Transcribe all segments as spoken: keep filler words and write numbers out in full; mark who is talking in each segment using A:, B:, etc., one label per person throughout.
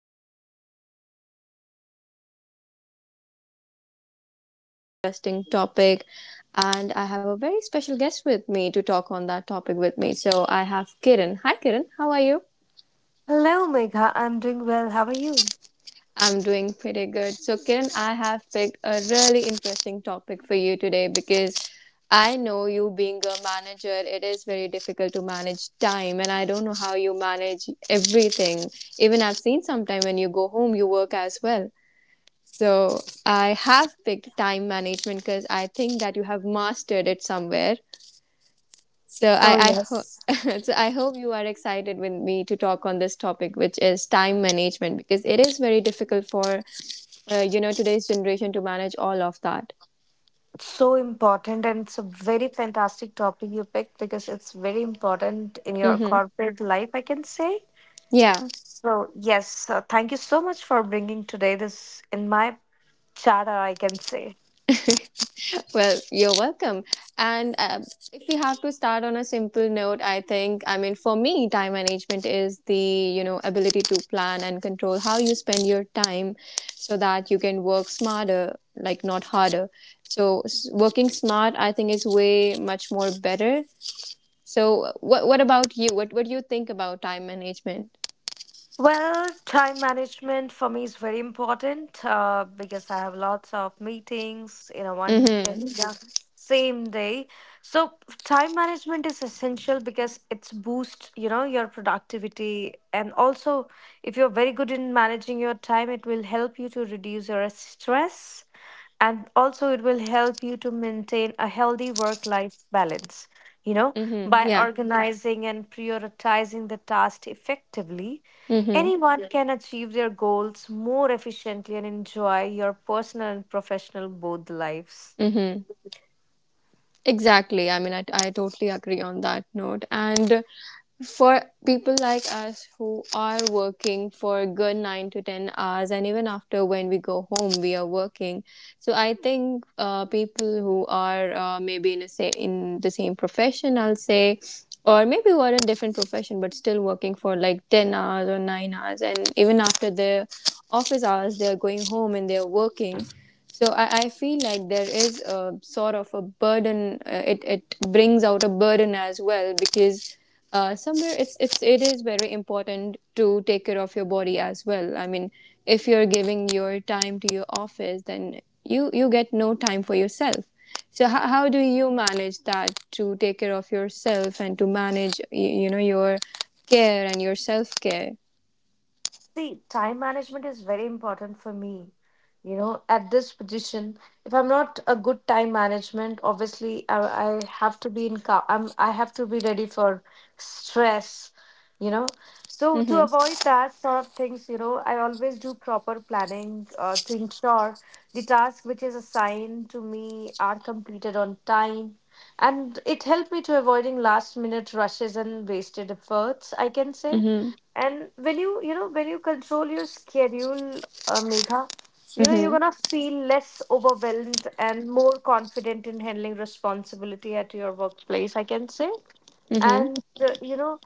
A: podcast. This is your host Megha, and today I have picked a really, really interesting topic. And I have a very special guest with me to talk on that topic with me. So I have Kiran. Hi Kiran, how are you?
B: Hello, Megha. I'm doing well. How are you?
A: I'm doing pretty good. So Kiran, I have picked a really interesting topic for you today because I know you being a manager, it is very difficult to manage time, and I don't know how you manage everything. Even I've seen sometime when you go home, you work as well. So I have picked time management because I think that you have mastered it somewhere. So
B: Oh,
A: I I
B: yes.
A: ho- so I hope you are excited with me to talk on this topic, which is time management, because it is very difficult for uh, you know today's generation to manage all of that.
B: It's so important, and it's a very fantastic topic you picked because it's very important in your
A: Mm-hmm.
B: corporate life, I can say.
A: Yeah.
B: So, yes, uh, thank you so much for bringing today this in my chatter, I can say.
A: Well, you're welcome. And uh, If we have to start on a simple note, I think, I mean, for me, time management is the, you know, ability to plan and control how you spend your time so that you can work smarter, like not harder. So s- working smart, I think, is way much more better. So what, what about you? What, what do you think about time management?
B: Well, time management for me is very important uh, because I have lots of meetings in a one in
A: Mm-hmm.
B: the Mhm. same day. So time management is essential because it's boost, you know, your productivity, and also if you're very good in managing your time, it will help you to reduce your stress, and also it will help you to maintain a healthy work life balance, you know
A: Mm-hmm.
B: by Mhm.
A: Yeah.
B: organizing and prioritizing the task effectively,
A: Mm-hmm.
B: anyone, yeah, can achieve their goals more efficiently and enjoy your personal and professional both lives.
A: Mm-hmm. Exactly. I mean, I, I totally agree on that note. And for people like us who are working for a good nine to ten hours and even after when we go home we are working. So I think uh, people who are uh, maybe in a, say, in the same profession, I'll say, or maybe who are in different profession but still working for like ten hours or nine hours and even after their office hours they are going home and they are working. So I, I feel like there is a sort of a burden. Uh, it it brings out a burden as well because uh, somewhere it's it's it is very important to take care of your body as well. I mean, if you're giving your time to your office, then you you get no time for yourself. So how, how do you manage that to take care of yourself and to manage you, you know your care and your self care?
B: See, time management is very important for me. You know, at this position, if I'm not a good time management, obviously I, I have to be in cal- I'm I have to be ready for stress, you know. So to
A: Mhm.
B: avoid that sort of things, you know, I always do proper planning uh, to ensure the task which is assigned to me are completed on time. And it helped me to avoiding last minute rushes and wasted efforts, I can say.
A: Mhm.
B: And when you, you know, when you control your schedule, uh, Megha, you know, you're
A: Mhm.
B: gonna feel less overwhelmed and more confident in handling responsibility at your workplace, I can say.
A: Mhm.
B: And, uh, you know,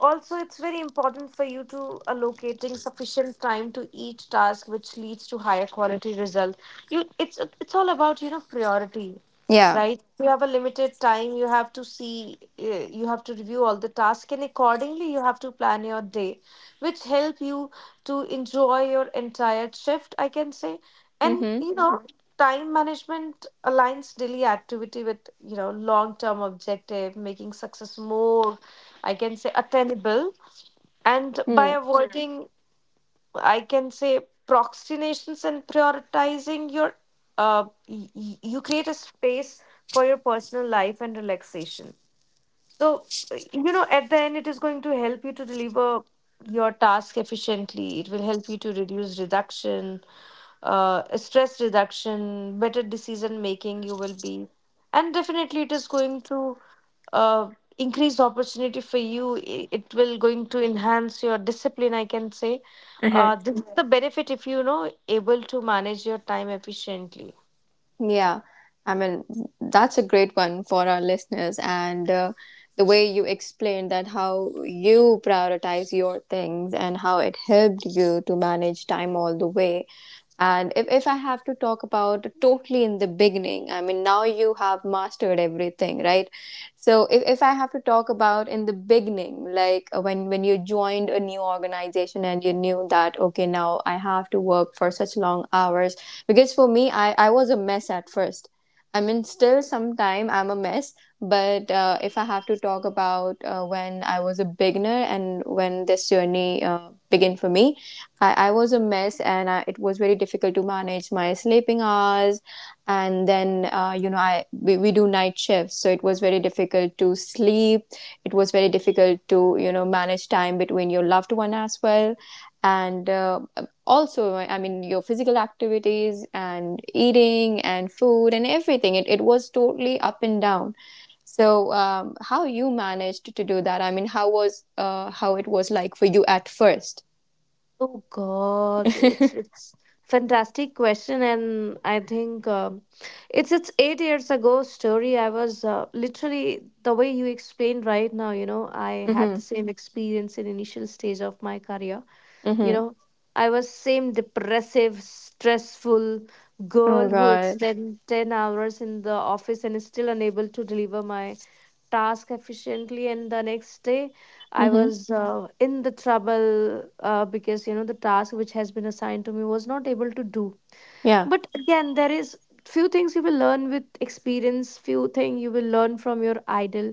B: also it's very important for you to allocating sufficient time to each task, which leads to higher quality results. You, it's it's all about, you know, priority,
A: Yeah.
B: right? You have a limited time. You have to see, uh, you have to review all the tasks, and accordingly, you have to plan your day, which help you to enjoy your entire shift, I can say. And,
A: Mhm.
B: you know, Mhm. time management aligns daily activity with, you know, long-term objective, making success more, I can say, attainable. And by
A: Mm.
B: Mhm. avoiding, I can say, procrastinations and prioritizing your uh y- y- you create a space for your personal life and relaxation. So uh, you know, at the end it is going to help you to deliver your task efficiently. It will help you to reduce reduction, uh stress reduction, better decision making you will be. And definitely it is going to uh, increased opportunity for you i- it will going to enhance your discipline, I can say. Uh, this is the benefit if you know able to manage your time efficiently.
A: Yeah, I mean, that's a great one for our listeners. And uh, The way you explained that how you prioritize your things and how it helped you to manage time all the way. And if, if I have to talk about totally in the beginning, I mean, now you have mastered everything, right? So if, if I have to talk about in the beginning, like uh, when when you joined a new organization and you knew that okay now I have to work for such long hours, because for me I I was a mess at first. I mean still sometime I'm a mess, but uh, if I have to talk about uh, when I was a beginner and when this journey uh, began for me, I, I was a mess and I, it was very difficult to manage my sleeping hours. And then uh, you know I we, we do night shifts, so it was very difficult to sleep. It was very difficult to you know manage time between your loved one as well. And uh, also I mean your physical activities and eating and food and everything, it, it was totally up and down. So um, how you managed to do that? I mean, how was, uh, how it was like for you at first?
B: Oh God, it's it's fantastic question, and I think um, it's it's eight years ago story. I was uh, literally the way you explained right now. You know, I had
A: Mm-hmm.
B: the same experience in initial stage of my career. You
A: Mm-hmm.
B: know, I was same depressive stressful
A: Oh
B: girl who
A: God.
B: extend ten hours in the office and is still unable to deliver my task efficiently, and the next day I
A: Mm-hmm.
B: was uh, in the trouble uh, because you know the task which has been assigned to me was not able to do.
A: Yeah.
B: But again, there is few things you will learn with experience, few thing you will learn from your idol.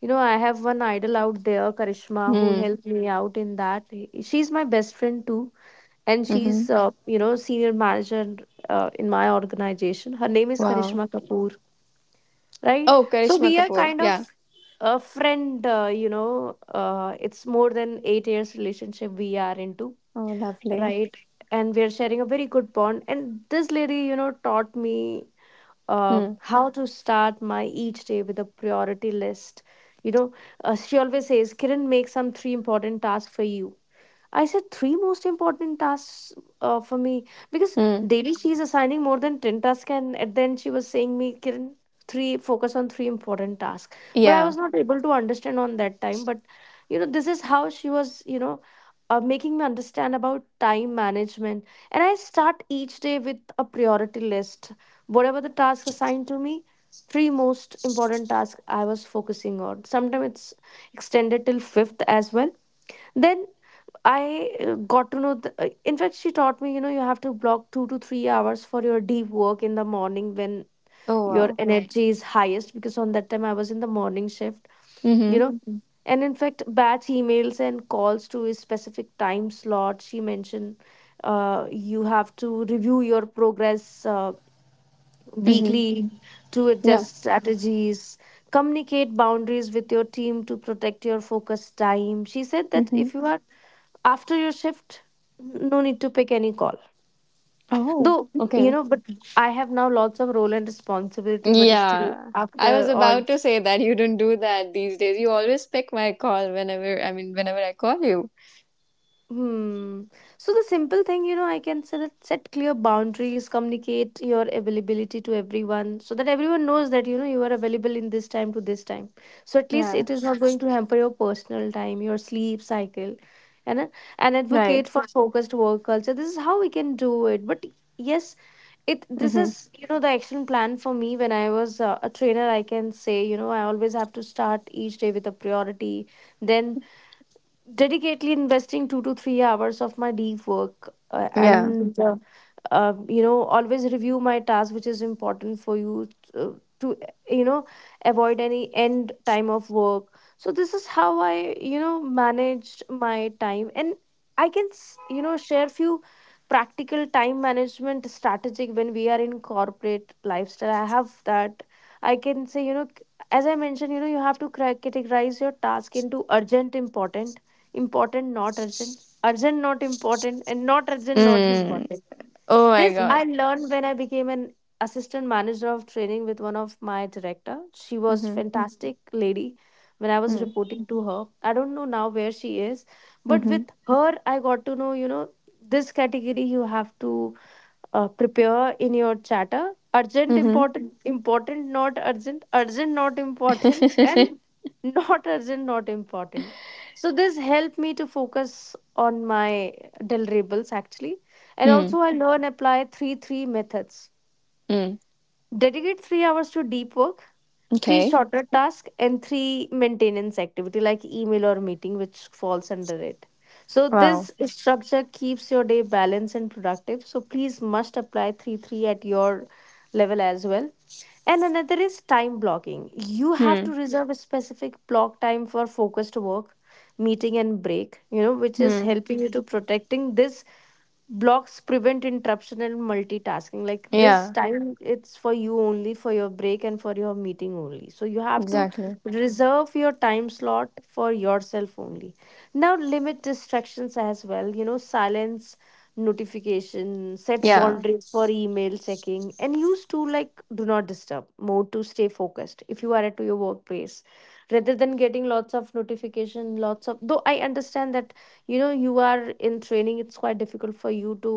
B: you know I have one idol out there, Karishma, who
A: Mm.
B: helped me out in that. She's my best friend too, and she's
A: Mm-hmm.
B: uh, you know, senior manager uh, in my organization. Her name is
A: Wow.
B: Karishma Kapoor, right?
A: Oh,
B: So
A: Karishma
B: we are
A: Kapoor.
B: kind of
A: Yeah.
B: a friend. Uh, you know uh, it's more than eight years relationship we are into,
A: Oh, lovely.
B: right? And we are sharing a very good bond, and this lady, you know, taught me uh,
A: Mm.
B: how to start my each day with a priority list. You know, uh, she always says, Kiran, make some three important tasks for you. I said three most important tasks uh, for me, because
A: Mm.
B: daily she's assigning more than ten tasks, and at the end she was saying me, Kiran, three, focus on three important tasks. But I
A: Yeah.
B: was not able to understand on that time. But you know, this is how she was, you know, uh, making me understand about time management. And I start each day with a priority list. Whatever the task assigned to me, three most important tasks I was focusing on. Sometimes it's extended till fifth as well. Then I uh, got to know. The, uh, in fact, she taught me. You know, you have to block two to three hours for your deep work in the morning when
A: Oh,
B: your Right.
A: wow.
B: energy is highest. Because on that time, I was in the morning shift. You
A: Mm-hmm.
B: know, Mhm. and in fact, batch emails and calls to a specific time slot. She mentioned, uh, you have to review your progress uh,
A: Mm-hmm.
B: weekly Mhm. to
A: Yeah.
B: adjust strategies. Communicate boundaries with your team to protect your focus time. She said that
A: Mm-hmm.
B: if you are after your shift, no need to pick any call,
A: Oh,
B: though, you
A: okay.
B: know. But I have now lots of role and responsibility, but still
A: Yeah. I was
B: after or
A: about to say that you don't do that these days. You always pick my call whenever, I mean, whenever I call you.
B: hmm. So the simple thing, you know, I can say that set clear boundaries, communicate your availability to everyone so that everyone knows that, you know, you are available in this time to this time, so at least
A: Yeah.
B: it is not going to hamper your personal time, your sleep cycle, and and advocate
A: Right.
B: for focused work culture. This is how we can do it. But yes, it this
A: Mm-hmm.
B: is, you know, the action plan for me when I was uh, a trainer, I can say. You know, I always have to start each day with a priority, then dedicatedly investing two to three hours of my deep work uh,
A: Yeah.
B: and uh, uh, you know, always review my task which is important for you to, to you know, avoid any end time of work. So this is how I, you know, managed my time. And I can s- you know, share few practical time management strategic when we are in corporate lifestyle. I have that, I can say, you know. C- as I mentioned, you know, you have to cra- categorize your task into urgent important, important not urgent, urgent not important, and not urgent not
A: Mm.
B: important.
A: Oh, my
B: This I
A: God.
B: learned when I became an assistant manager of training with one of my director. She was
A: Mm-hmm.
B: fantastic lady when I was
A: Mm.
B: reporting to her. I don't know now where she is, but with
A: Mm-hmm.
B: her I got to know, you know, this category you have to uh, prepare in your chatter: urgent
A: Mm-hmm.
B: important, important not urgent, urgent not important, and not urgent not important. So this helped me to focus on my deliverables actually. And
A: Mm.
B: also I learn apply three three methods:
A: Mm.
B: dedicate three hours to deep work, three
A: Okay.
B: shorter task, and three maintenance activity like email or meeting which falls under it. So
A: Wow.
B: this structure keeps your day balanced and productive, so please must apply three three at your level as well. And another is time blocking. You have to
A: Hmm.
B: reserve a specific block time for focused work, meeting, and break, you know, which is
A: Hmm.
B: helping you to protecting this blocks, prevent interruption and multitasking. Like this
A: Yeah.
B: Yeah. time it's for you only, for your break and for your meeting only, so you have to
A: Exactly.
B: reserve your time slot for yourself only. Now, limit distractions as well, you know. Silence notification, set
A: Yeah.
B: boundaries for email checking, and use to like do not disturb mode to stay focused if you are at your workplace, rather than getting lots of notification, lots of. Though I understand that, you know, you are in training, it's quite difficult for you to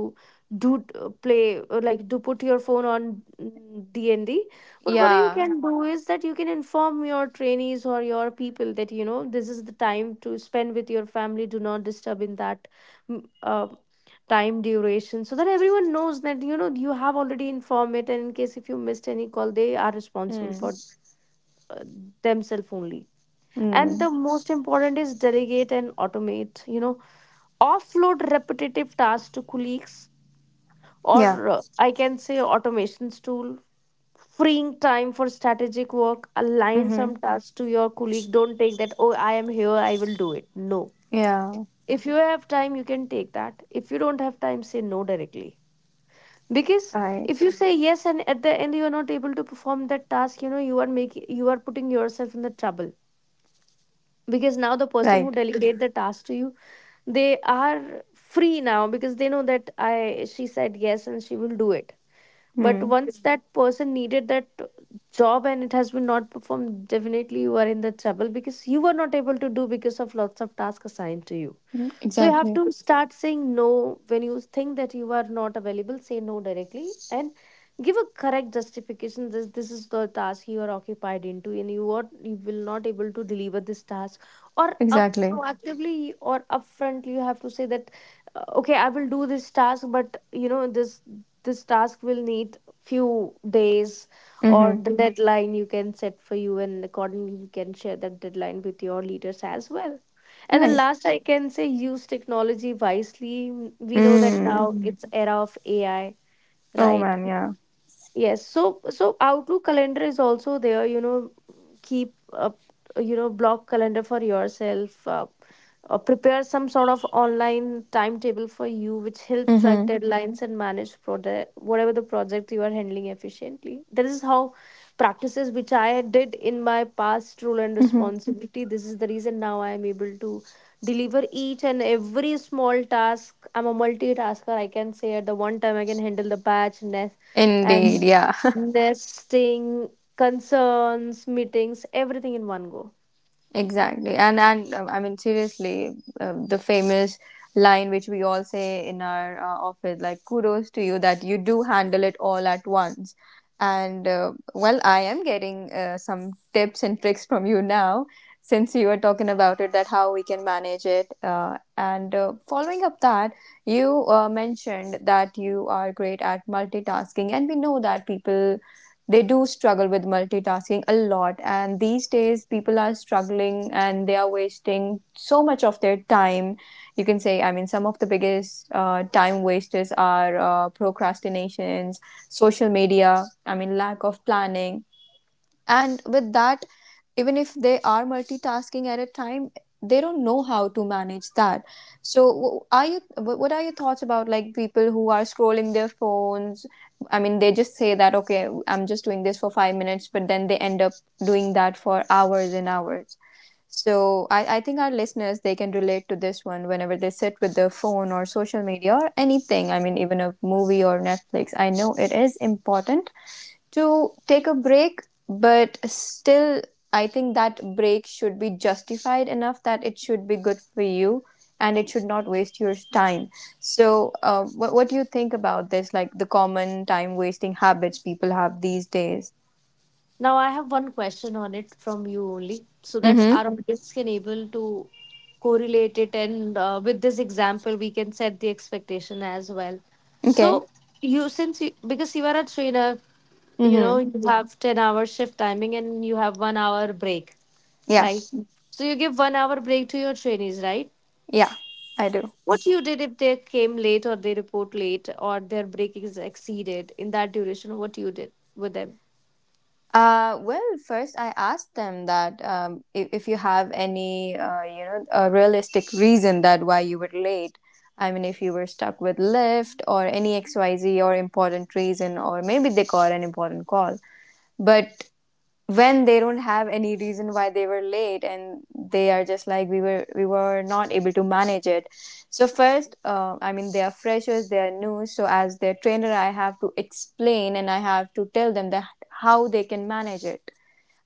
B: do uh, play uh, like, do put your phone on mm, d&d. But what you
A: Yeah.
B: can do is that you can inform your trainees or your people that, you know, this is the time to spend with your family, do not disturb in that mm, uh, time duration, so that everyone knows that, you know, you have already informed it, and in case if you missed any call, they are responsible for
A: Mm.
B: uh, themselves only.
A: Mm.
B: And the most important is delegate and automate, you know, offload repetitive tasks to colleagues,
A: Yeah.
B: or uh, I can say automations tool, freeing time for strategic work. Align
A: Mm-hmm.
B: some tasks to your colleague. Don't take that, oh, I am here, I will do it. No.
A: Yeah.
B: If you have time, you can take that. If you don't have time, say no directly. Because
A: Right.
B: if you say yes and at the end you are not able to perform that task, you know, you are making you are putting yourself in the trouble. Because now the person who
A: Right.
B: delegate the task to you, they are free now, because they know that I she said yes and she will do it. But
A: Mm.
B: once Mhm. That person needed that job and it has been not performed. Definitely you are in the trouble because you were not able to do because of lots of tasks assigned to you. So you have
A: Exactly.
B: to start saying no. When you think that you are not available, say no directly and give a correct justification. This this is the task you are occupied into and you are you will not able to deliver this task. Or up
A: Exactly.
B: proactively or upfront you have to say that uh, okay, I will do this task, but you know, this this task will need few days or
A: Mm-hmm.
B: the Mhm. deadline you can set for you, and accordingly you can share that deadline with your leaders as well. And the
A: Right.
B: last, I can say, use technology wisely. Mm. We know that
A: Mm.
B: now Mm. it's era of A I,
A: Oh
B: right?
A: man. Yeah.
B: Yes. So so Outlook calendar is also there, you know, keep up you know block calendar for yourself. Uh, uh, prepare some sort of online timetable for you which help track Mhm.
A: Mm-hmm.
B: deadlines and manage project, whatever the project you are handling, efficiently. That is how practices which I did in my past role and
A: Mm-hmm.
B: responsibility, this is the reason now I am able to deliver each and every small task. I'm a multitasker, I can say. At the one time I can handle the batch nest and
A: Indeed. Yeah.
B: Mhm. nesting, concerns, meetings, everything in one go.
A: Exactly, and and um, I mean seriously, um, the famous line which we all say in our uh, office, like "Kudos to you that you do handle it all at once." And uh, Well, I am getting uh, some tips and tricks from you now, since you were talking about it, that how we can manage it. Uh, and uh, Following up that, you uh, mentioned that you are great at multitasking, and we know that people they do struggle with multitasking a lot, and these days people are struggling and they are wasting so much of their time. You can say, I mean, some of the biggest uh, time wasters are uh, procrastinations, social media, I mean lack of planning. And with that, even if they are multitasking at a time, they don't know how to manage that. So wh- are you wh- what are your thoughts about like people who are scrolling their phones? I mean, they just say that okay I'm just doing this for five minutes, but then they end up doing that for hours and hours. So I, I think our listeners they can relate to this one whenever they sit with their phone or social media or anything. I mean even a movie or Netflix. I know it is important to take a break, but still, I think that break should be justified enough that it should be good for you and it should not waste your time. So, uh, what, what do you think about this? Like the common time wasting habits people have these days?
B: Now I have one question on it from you only, so that
A: Mm
B: our audience can able to correlate it, and uh, with this example, we can set the expectation as well.
A: hmm. Okay.
B: So you, since you, because you are a trainer,
A: Mm
B: you know
A: hmm.
B: you Mhm. have ten hour shift timing and you have one hour break,
A: Yeah.
B: right? Mhm. So you give one hour break to your trainees, right?
A: Yeah, I do.
B: What you did if they came late or they report late or their break is exceeded in that duration? What you did with them?
A: Uh, well, first I asked them that um, if, if you have any, uh, you know, a realistic reason that why you were late. I mean, if you were stuck with Lyft or any X Y Z or important reason, or maybe they got an important call. But when they don't have any reason why they were late and they are just like we were we were not able to manage it. So first uh, I mean they are freshers, they are new, so as their trainer I have to explain and I have to tell them that how they can manage it.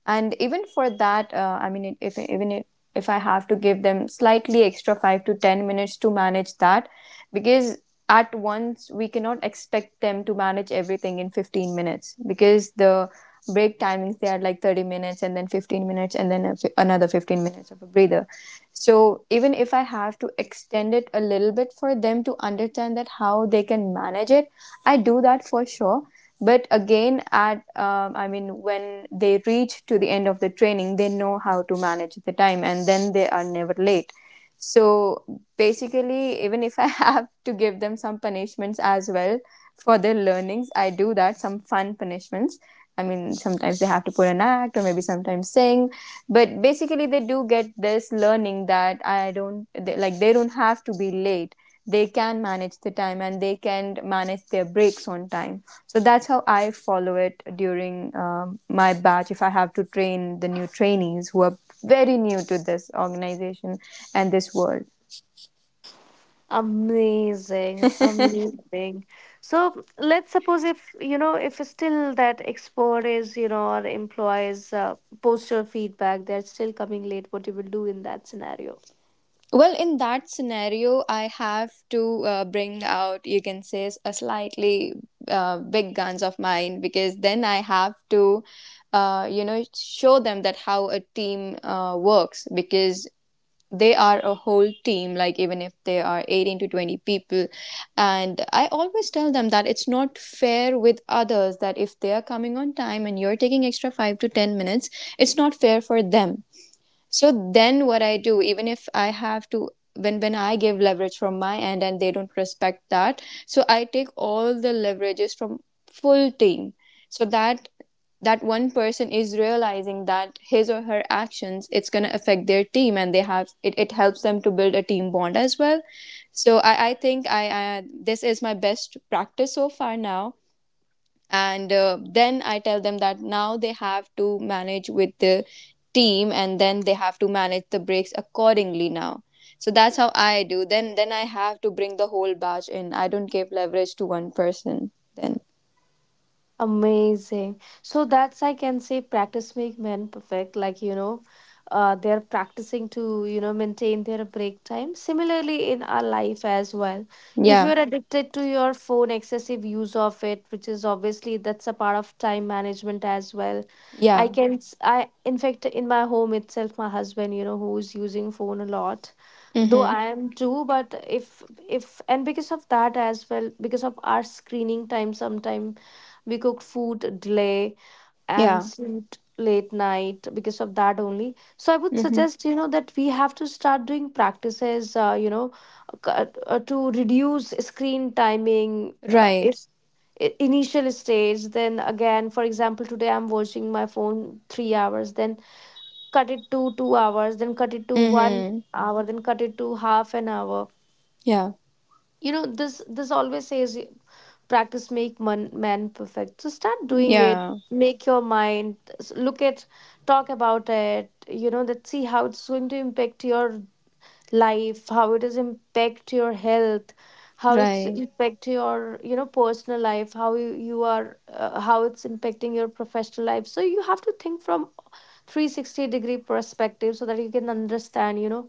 A: And even for that uh, I mean if even if, if I have to give them slightly extra five to ten minutes to manage that, because at once we cannot expect them to manage everything in fifteen minutes, because the break timings they are like thirty minutes and then fifteen minutes and then another fifteen minutes of a breather. So even if I have to extend it a little bit for them to understand that how they can manage it, I do that for sure. But again, at um, I mean when they reach to the end of the training they know how to manage the time and then they are never late. So basically even if I have to give them some punishments as well for their learnings, I do that, some fun punishments. I mean sometimes they have to put an act or maybe sometimes sing, but basically they do get this learning that I don't, they, like they don't have to be late. They can manage the time and they can manage their breaks on time. So that's how I follow it during um, my batch, if I have to train the new trainees who are very new to this organization and this world.
B: Amazing, amazing. So let's suppose if you know if still that expert is you know or employees uh, post your feedback, they're still coming late. What you will do in that scenario?
A: Well, in that scenario, I have to uh, bring out, you can say, a slightly uh, big guns of mine, because then I have to, uh, you know, show them that how a team uh, works, because they are a whole team, like even if they are eighteen to twenty people, and I always tell them that it's not fair with others that if they are coming on time and you're taking extra five to ten minutes, it's not fair for them. So then what I do, even if I have to, when when i give leverage from my end and they don't respect that, so I take all the leverages from full team, so that that one person is realizing that his or her actions, it's going to affect their team, and they have, it, it helps them to build a team bond as well. So i, I think I, I this is my best practice so far now. And uh, Then I tell them that now they have to manage with the team and then they have to manage the breaks accordingly now. So that's how I do, then then I have to bring the whole batch in, I don't give leverage to one person then.
B: Amazing. So that's, I can say, practice make men perfect. Like, you know, uh, they're practicing to, you know, maintain their break time. Similarly, in our life as well. If
A: Yeah.
B: you're Right. addicted to your phone, excessive use of it, which is obviously that's a part of time management as well. I
A: Yeah.
B: can, Right. s- I, in fact, in my home itself, my husband, you know, who's using phone a lot. Though
A: Mhm.
B: I am too, but if if and because of that as well, because of our screening time sometimes we cooked food delay and
A: Yeah.
B: slept late night because of that only. So I would
A: Mhm.
B: suggest, you know, that we have to start doing practices uh, you know c- uh, uh, to reduce screen timing. Uh,
A: Right.
B: if i- initial stage, then again for example today I'm watching my phone three hours, then cut it to two hours, then cut it to one
A: Mhm.
B: hour, then cut it to half an hour.
A: Yeah,
B: You know, this this always says y- practice make man, man perfect. So start doing it.
A: yeah.
B: Make your mind s- look at, talk about it, you know, that see how it's going to impact your life, how it is impact your health, how it's
A: Right,
B: Yeah. impact your you know personal life, how you, you are uh, how it's impacting your professional life. So you have to think from three sixty degree perspective so that you can understand, you know,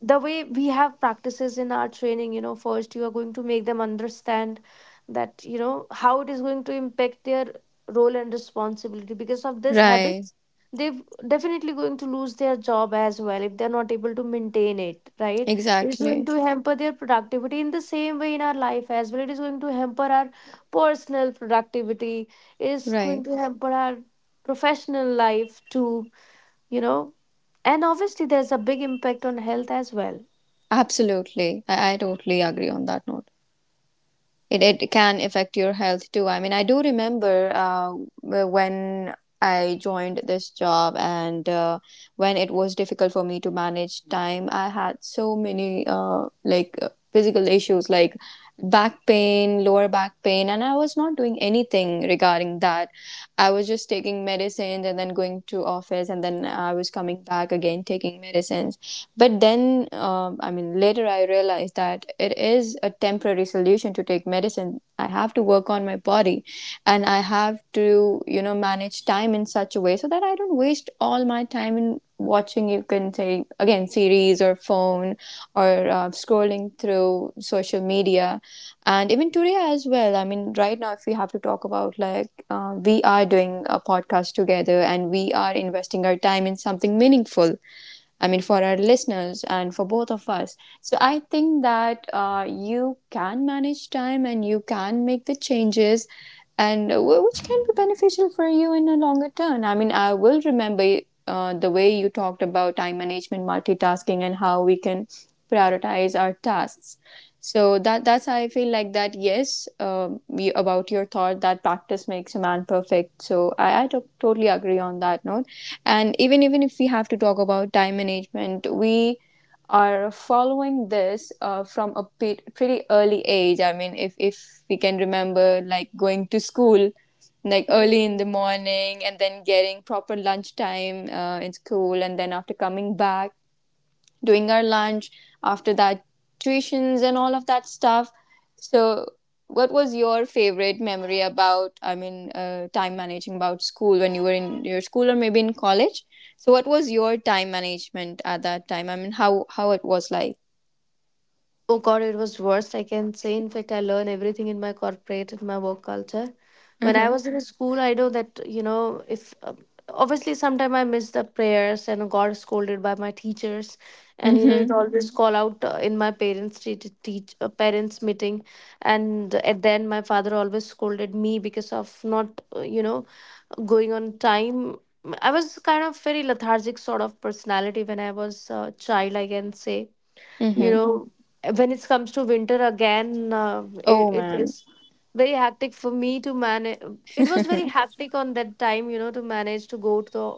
B: the way we have practices in our training, you know, first you are going to make them understand that you know how it is going to impact their role and responsibility. Because of these
A: right.
B: habits they've definitely going to lose their job as well if they're not able to maintain it, right. It's going
A: Exactly.
B: to hamper their productivity. In the same way in our life as well it is going to hamper our personal productivity, is going
A: Right.
B: to hamper our professional life too, you know, and obviously there's a big impact on health as well.
A: Absolutely. I, I totally agree on that note. It, it can affect your health too. I mean, I do remember uh, uh, when I joined this job and uh, when it was difficult for me to manage time, I had so many uh, like uh, physical issues like back pain, lower back pain, and I was not doing anything regarding that. I was just taking medicines and then going to office and then I was coming back again taking medicines. But then, um, I mean, later I realized that it is a temporary solution to take medicine. I have to work on my body and I have to, you know, manage time in such a way so that I don't waste all my time in watching, you can say, again, series or phone or uh, scrolling through social media. And even today as well, I mean, right now, if we have to talk about like, uh, we are doing a podcast together and we are investing our time in something meaningful, I mean, for our listeners and for both of us. So I think that uh, you can manage time and you can make the changes and uh, which can be beneficial for you in a longer term. I mean, I will remember uh, the way you talked about time management, multitasking, and how we can prioritize our tasks so that that's how I feel like that, yes, um, you, about your thought that practice makes a man perfect. So I I to- totally agree on that note. And even even if we have to talk about time management, we are following this uh, from a pe- pretty early age. I mean, if if we can remember, like going to school like early in the
B: Mm.
A: morning and then getting proper lunchtime uh, in school and then after coming back doing our lunch, after that, tuitions and all of that stuff. So, what was your favorite memory about, I mean, uh, time managing about school when you were in your school or maybe in college? So, what was your time management at that time? I mean, how, how it was like?
B: Oh God, it was worst, I can say. In fact, I learned everything in my corporate and my work culture. When I
A: Mm-hmm.
B: was in school, I know that you know if um, obviously sometime I missed the prayers and got scolded by my teachers, and you know it
A: Mm-hmm.
B: always Mhm. call out uh, in my parents' te- te- teach uh, parents meeting, and at the end my father always scolded me because of not uh, you know going on time. I was kind of very lethargic sort of personality when I was a child, I can say, you
A: Mm-hmm.
B: know Mm. when it comes to winter again uh,
A: Oh,
B: it, it Yeah.
A: man.
B: is very hectic for me to manage. It was very Yes. hectic on that time, you know, to manage to go to the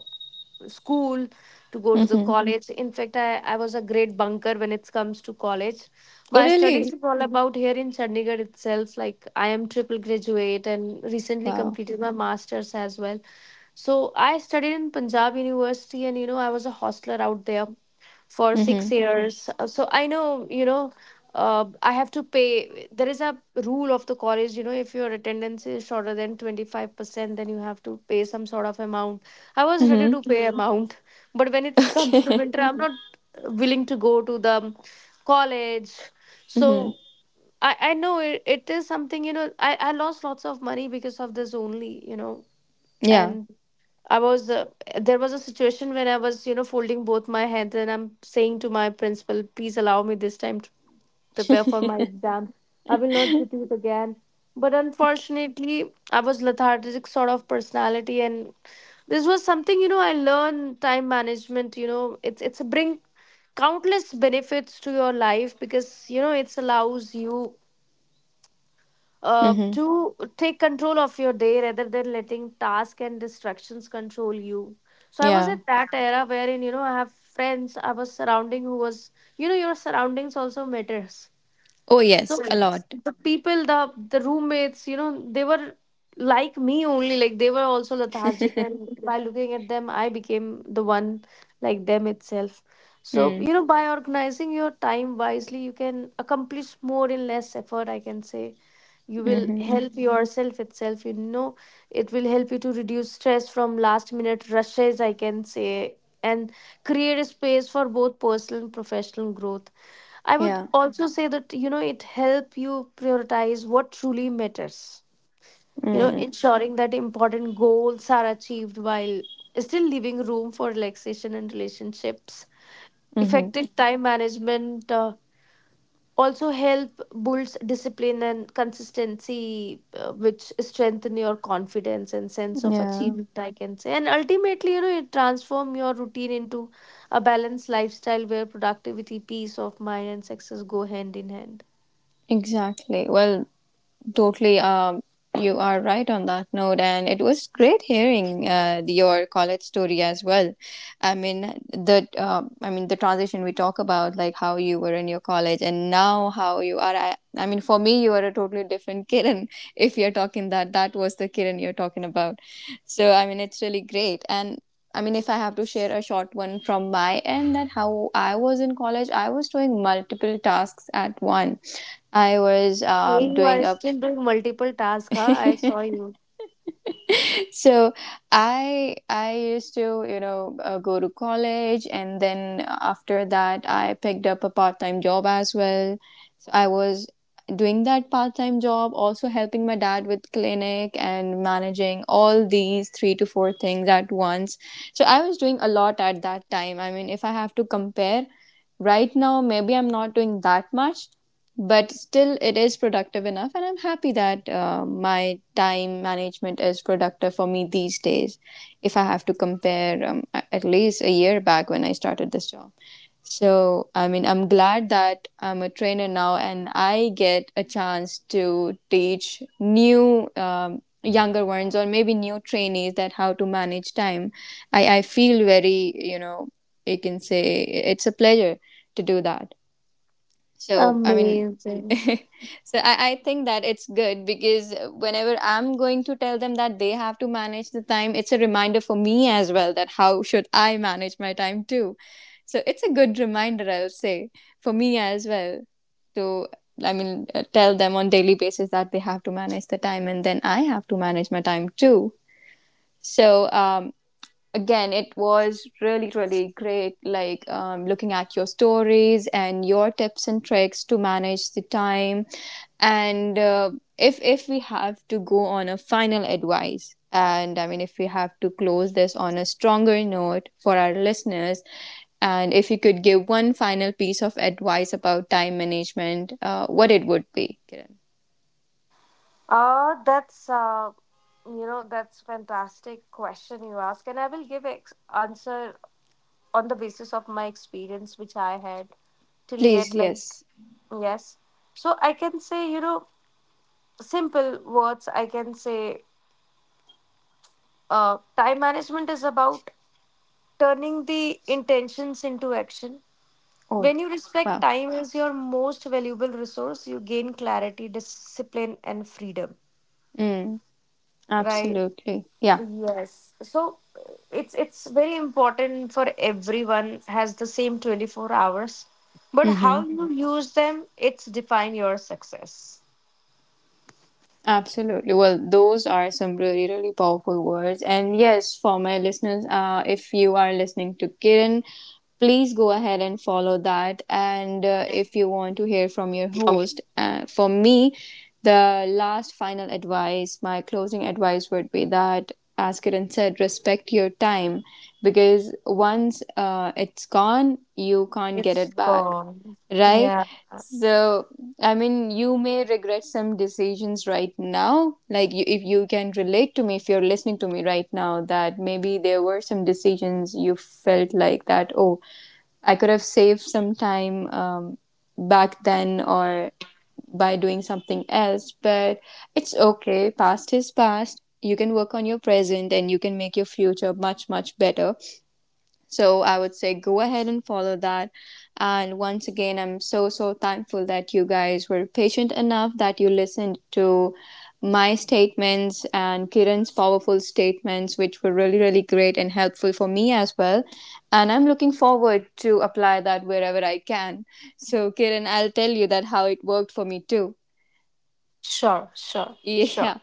B: school, to go to the Mm.
A: Mm-hmm.
B: college. In fact I, I was a great bunker when it comes to college.
A: Oh,
B: My studies
A: really?
B: is all Mhm. about here in chandigarh itself. Like I am triple graduate and recently
A: Wow.
B: completed my Mhm. masters as well. So I studied in Punjab University, and you know, I was a hostler out there for six
A: Mm-hmm.
B: Mhm. years. Uh, So I know, you know, uh, I have to pay. There is a rule of the college, you know, if your attendance is shorter than twenty-five percent, then you have to pay some sort of amount. I was ready
A: Mm-hmm.
B: to pay Mhm. amount, but when it comes to
A: Okay.
B: winter, I'm Mhm. not uh, willing to go to the college. So
A: Mm-hmm.
B: I, I know it, it is something, you know, I, I lost lots of money because of this only, you know,
A: Yeah.
B: and I was uh, there was a situation when I was you know folding both my hands and I'm saying to my principal, please allow me this time to prepare for my exam. I will not repeat again. But unfortunately, I was lethargic sort of personality, and this was something, you know, I learned time management. You know, it's it's bring countless benefits to your life because you know it's allows you uh,
A: Mm-hmm.
B: to take control of your day rather than letting tasks and distractions control you. So I was
A: Yeah.
B: at that era wherein you know I have friends I was surrounding who was you know your surroundings also matters.
A: Oh, yes.
B: So
A: A lot.
B: the people, the the roommates, you know, they were like me only. Like they were also lethargic, and by looking at them, I became the one like them itself. So
A: Mm.
B: you know, by organizing your time wisely, you can accomplish more in less effort, I can say. You will
A: Mm-hmm.
B: help Mhm. yourself itself. You know, it will help you to reduce stress from last minute rushes, I can say, and create a space for both personal and professional growth. I would
A: Yeah.
B: also say that you know it help you prioritize what truly matters. You know,
A: Mm.
B: ensuring that important goals are achieved while still leaving room for relaxation and relationships.
A: Mm-hmm.
B: Effective time management uh, also help builds discipline and consistency, uh, which strengthen your confidence and sense of
A: Yeah,
B: achievement, I can say. And ultimately, you know, it transform your routine into a balanced lifestyle where productivity, peace of mind, and success go hand in hand.
A: exactly. Well, totally, um, you are right on that note, and it was great hearing uh, your college story as well. I mean the uh, I mean the transition we talk about, like how you were in your college and now how you are. I, I mean, for me, you are a totally different Kiran. If you're talking that, that was the Kiran you're talking about. So I mean, it's really great. And I mean, if I have to share a short one from my end, that how I was in college, I was doing multiple tasks at once. I was
B: Hey,
A: um,
B: you
A: doing
B: are
A: a.
B: still doing multiple tasks, huh? I saw you.
A: So i i used to, you know, uh, go to college and then after that I picked up a part-time job as well. So I was doing that part-time job, also helping my dad with clinic and managing all these three to four things at once. So I was doing a lot at that time. I mean, if I have to compare right now, maybe I'm not doing that much, but still it is productive enough and I'm happy that uh, my time management is productive for me these days. If I have to compare, um, at least a year back when I started this job, so I mean, I'm glad that I'm a trainer now and I get a chance to teach new um, younger ones or maybe new trainees that how to manage time. i, I feel very, you know, you can say it's a pleasure to do that. So I mean,
B: Amazing.
A: so I, I think that it's good because whenever I'm going to tell them that they have to manage the time, it's a reminder for me as well that how should I manage my time too. So it's a good reminder, I'll say, for me as well, to, I mean, uh, tell them on daily basis that they have to manage the time and then I have to manage my time too. So, um, again, it was really really great, like, um, looking at your stories and your tips and tricks to manage the time. And uh, if if we have to go on a final advice, and I mean, if we have to close this on a stronger note for our listeners, and if you could give one final piece of advice about time management, uh, what it would be, Kiran?
B: Uh, that's uh, You know, that's fantastic question you ask, and I will give ex- answer on the basis of my experience which I had till yet.
A: Please,
B: Like
A: yes.
B: Mm. yes, so I can say, you know, simple words, I can say. Uh, time management is about turning the intentions into action. When
A: Or,
B: you respect
A: wow.
B: time as your most valuable resource, you gain clarity, discipline, and freedom.
A: Mm.
B: Right.
A: Absolutely. Yeah.
B: Yes. So uh, it's it's very important for everyone has the same twenty-four hours, but how
A: Mm-hmm.
B: you Mhm. use them, it's define your success.
A: Absolutely. Well, those are some really, really powerful words. And yes, for my listeners, uh, if you are listening to Kiran, please go ahead and follow that. And uh, if you want to hear from your host, uh, for me, the last final advice, my closing advice would be that, as Kiran said, respect your time because once uh, it's gone, you can't get
B: It's
A: it back,
B: gone.
A: right?
B: Yeah.
A: So, I mean, you may regret some decisions right now. Like, you, if you can relate to me, if you're listening to me right now, that maybe there were some decisions you felt like that, oh, I could have saved some time um, back then or by doing something else, but it's okay. Past is past. You can work on your present and you can make your future much, much better. So I would say go ahead and follow that. And once again, I'm so, so thankful that you guys were patient enough that you listened to my statements and Kiran's powerful statements, which were really, really great and helpful for me as well. And I'm looking forward to apply that wherever I can. So, Kiran, I'll tell you that how it worked for me too.
B: Sure, sure, sure.
A: Yeah.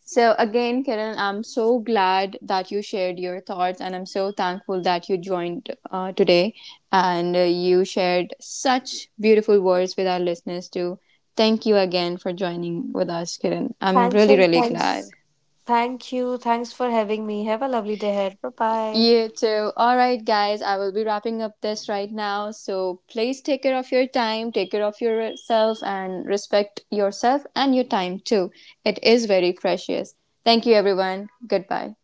A: So, again, Kiran, I'm so glad that you shared your thoughts, and I'm so thankful that you joined uh, today and uh, you shared such beautiful words with our listeners, too. Thank you again for joining with us, Kiran. I'm
B: Thanks
A: really,
B: and
A: really glad.
B: thanks. Thank you. Thanks for having me. Have a lovely day ahead. Bye bye.
A: You too. All right, guys, I will be wrapping up this right now. So, please take care of your time, take care of yourself, and respect yourself and your time, too. It is very precious. Thank you, everyone. Goodbye.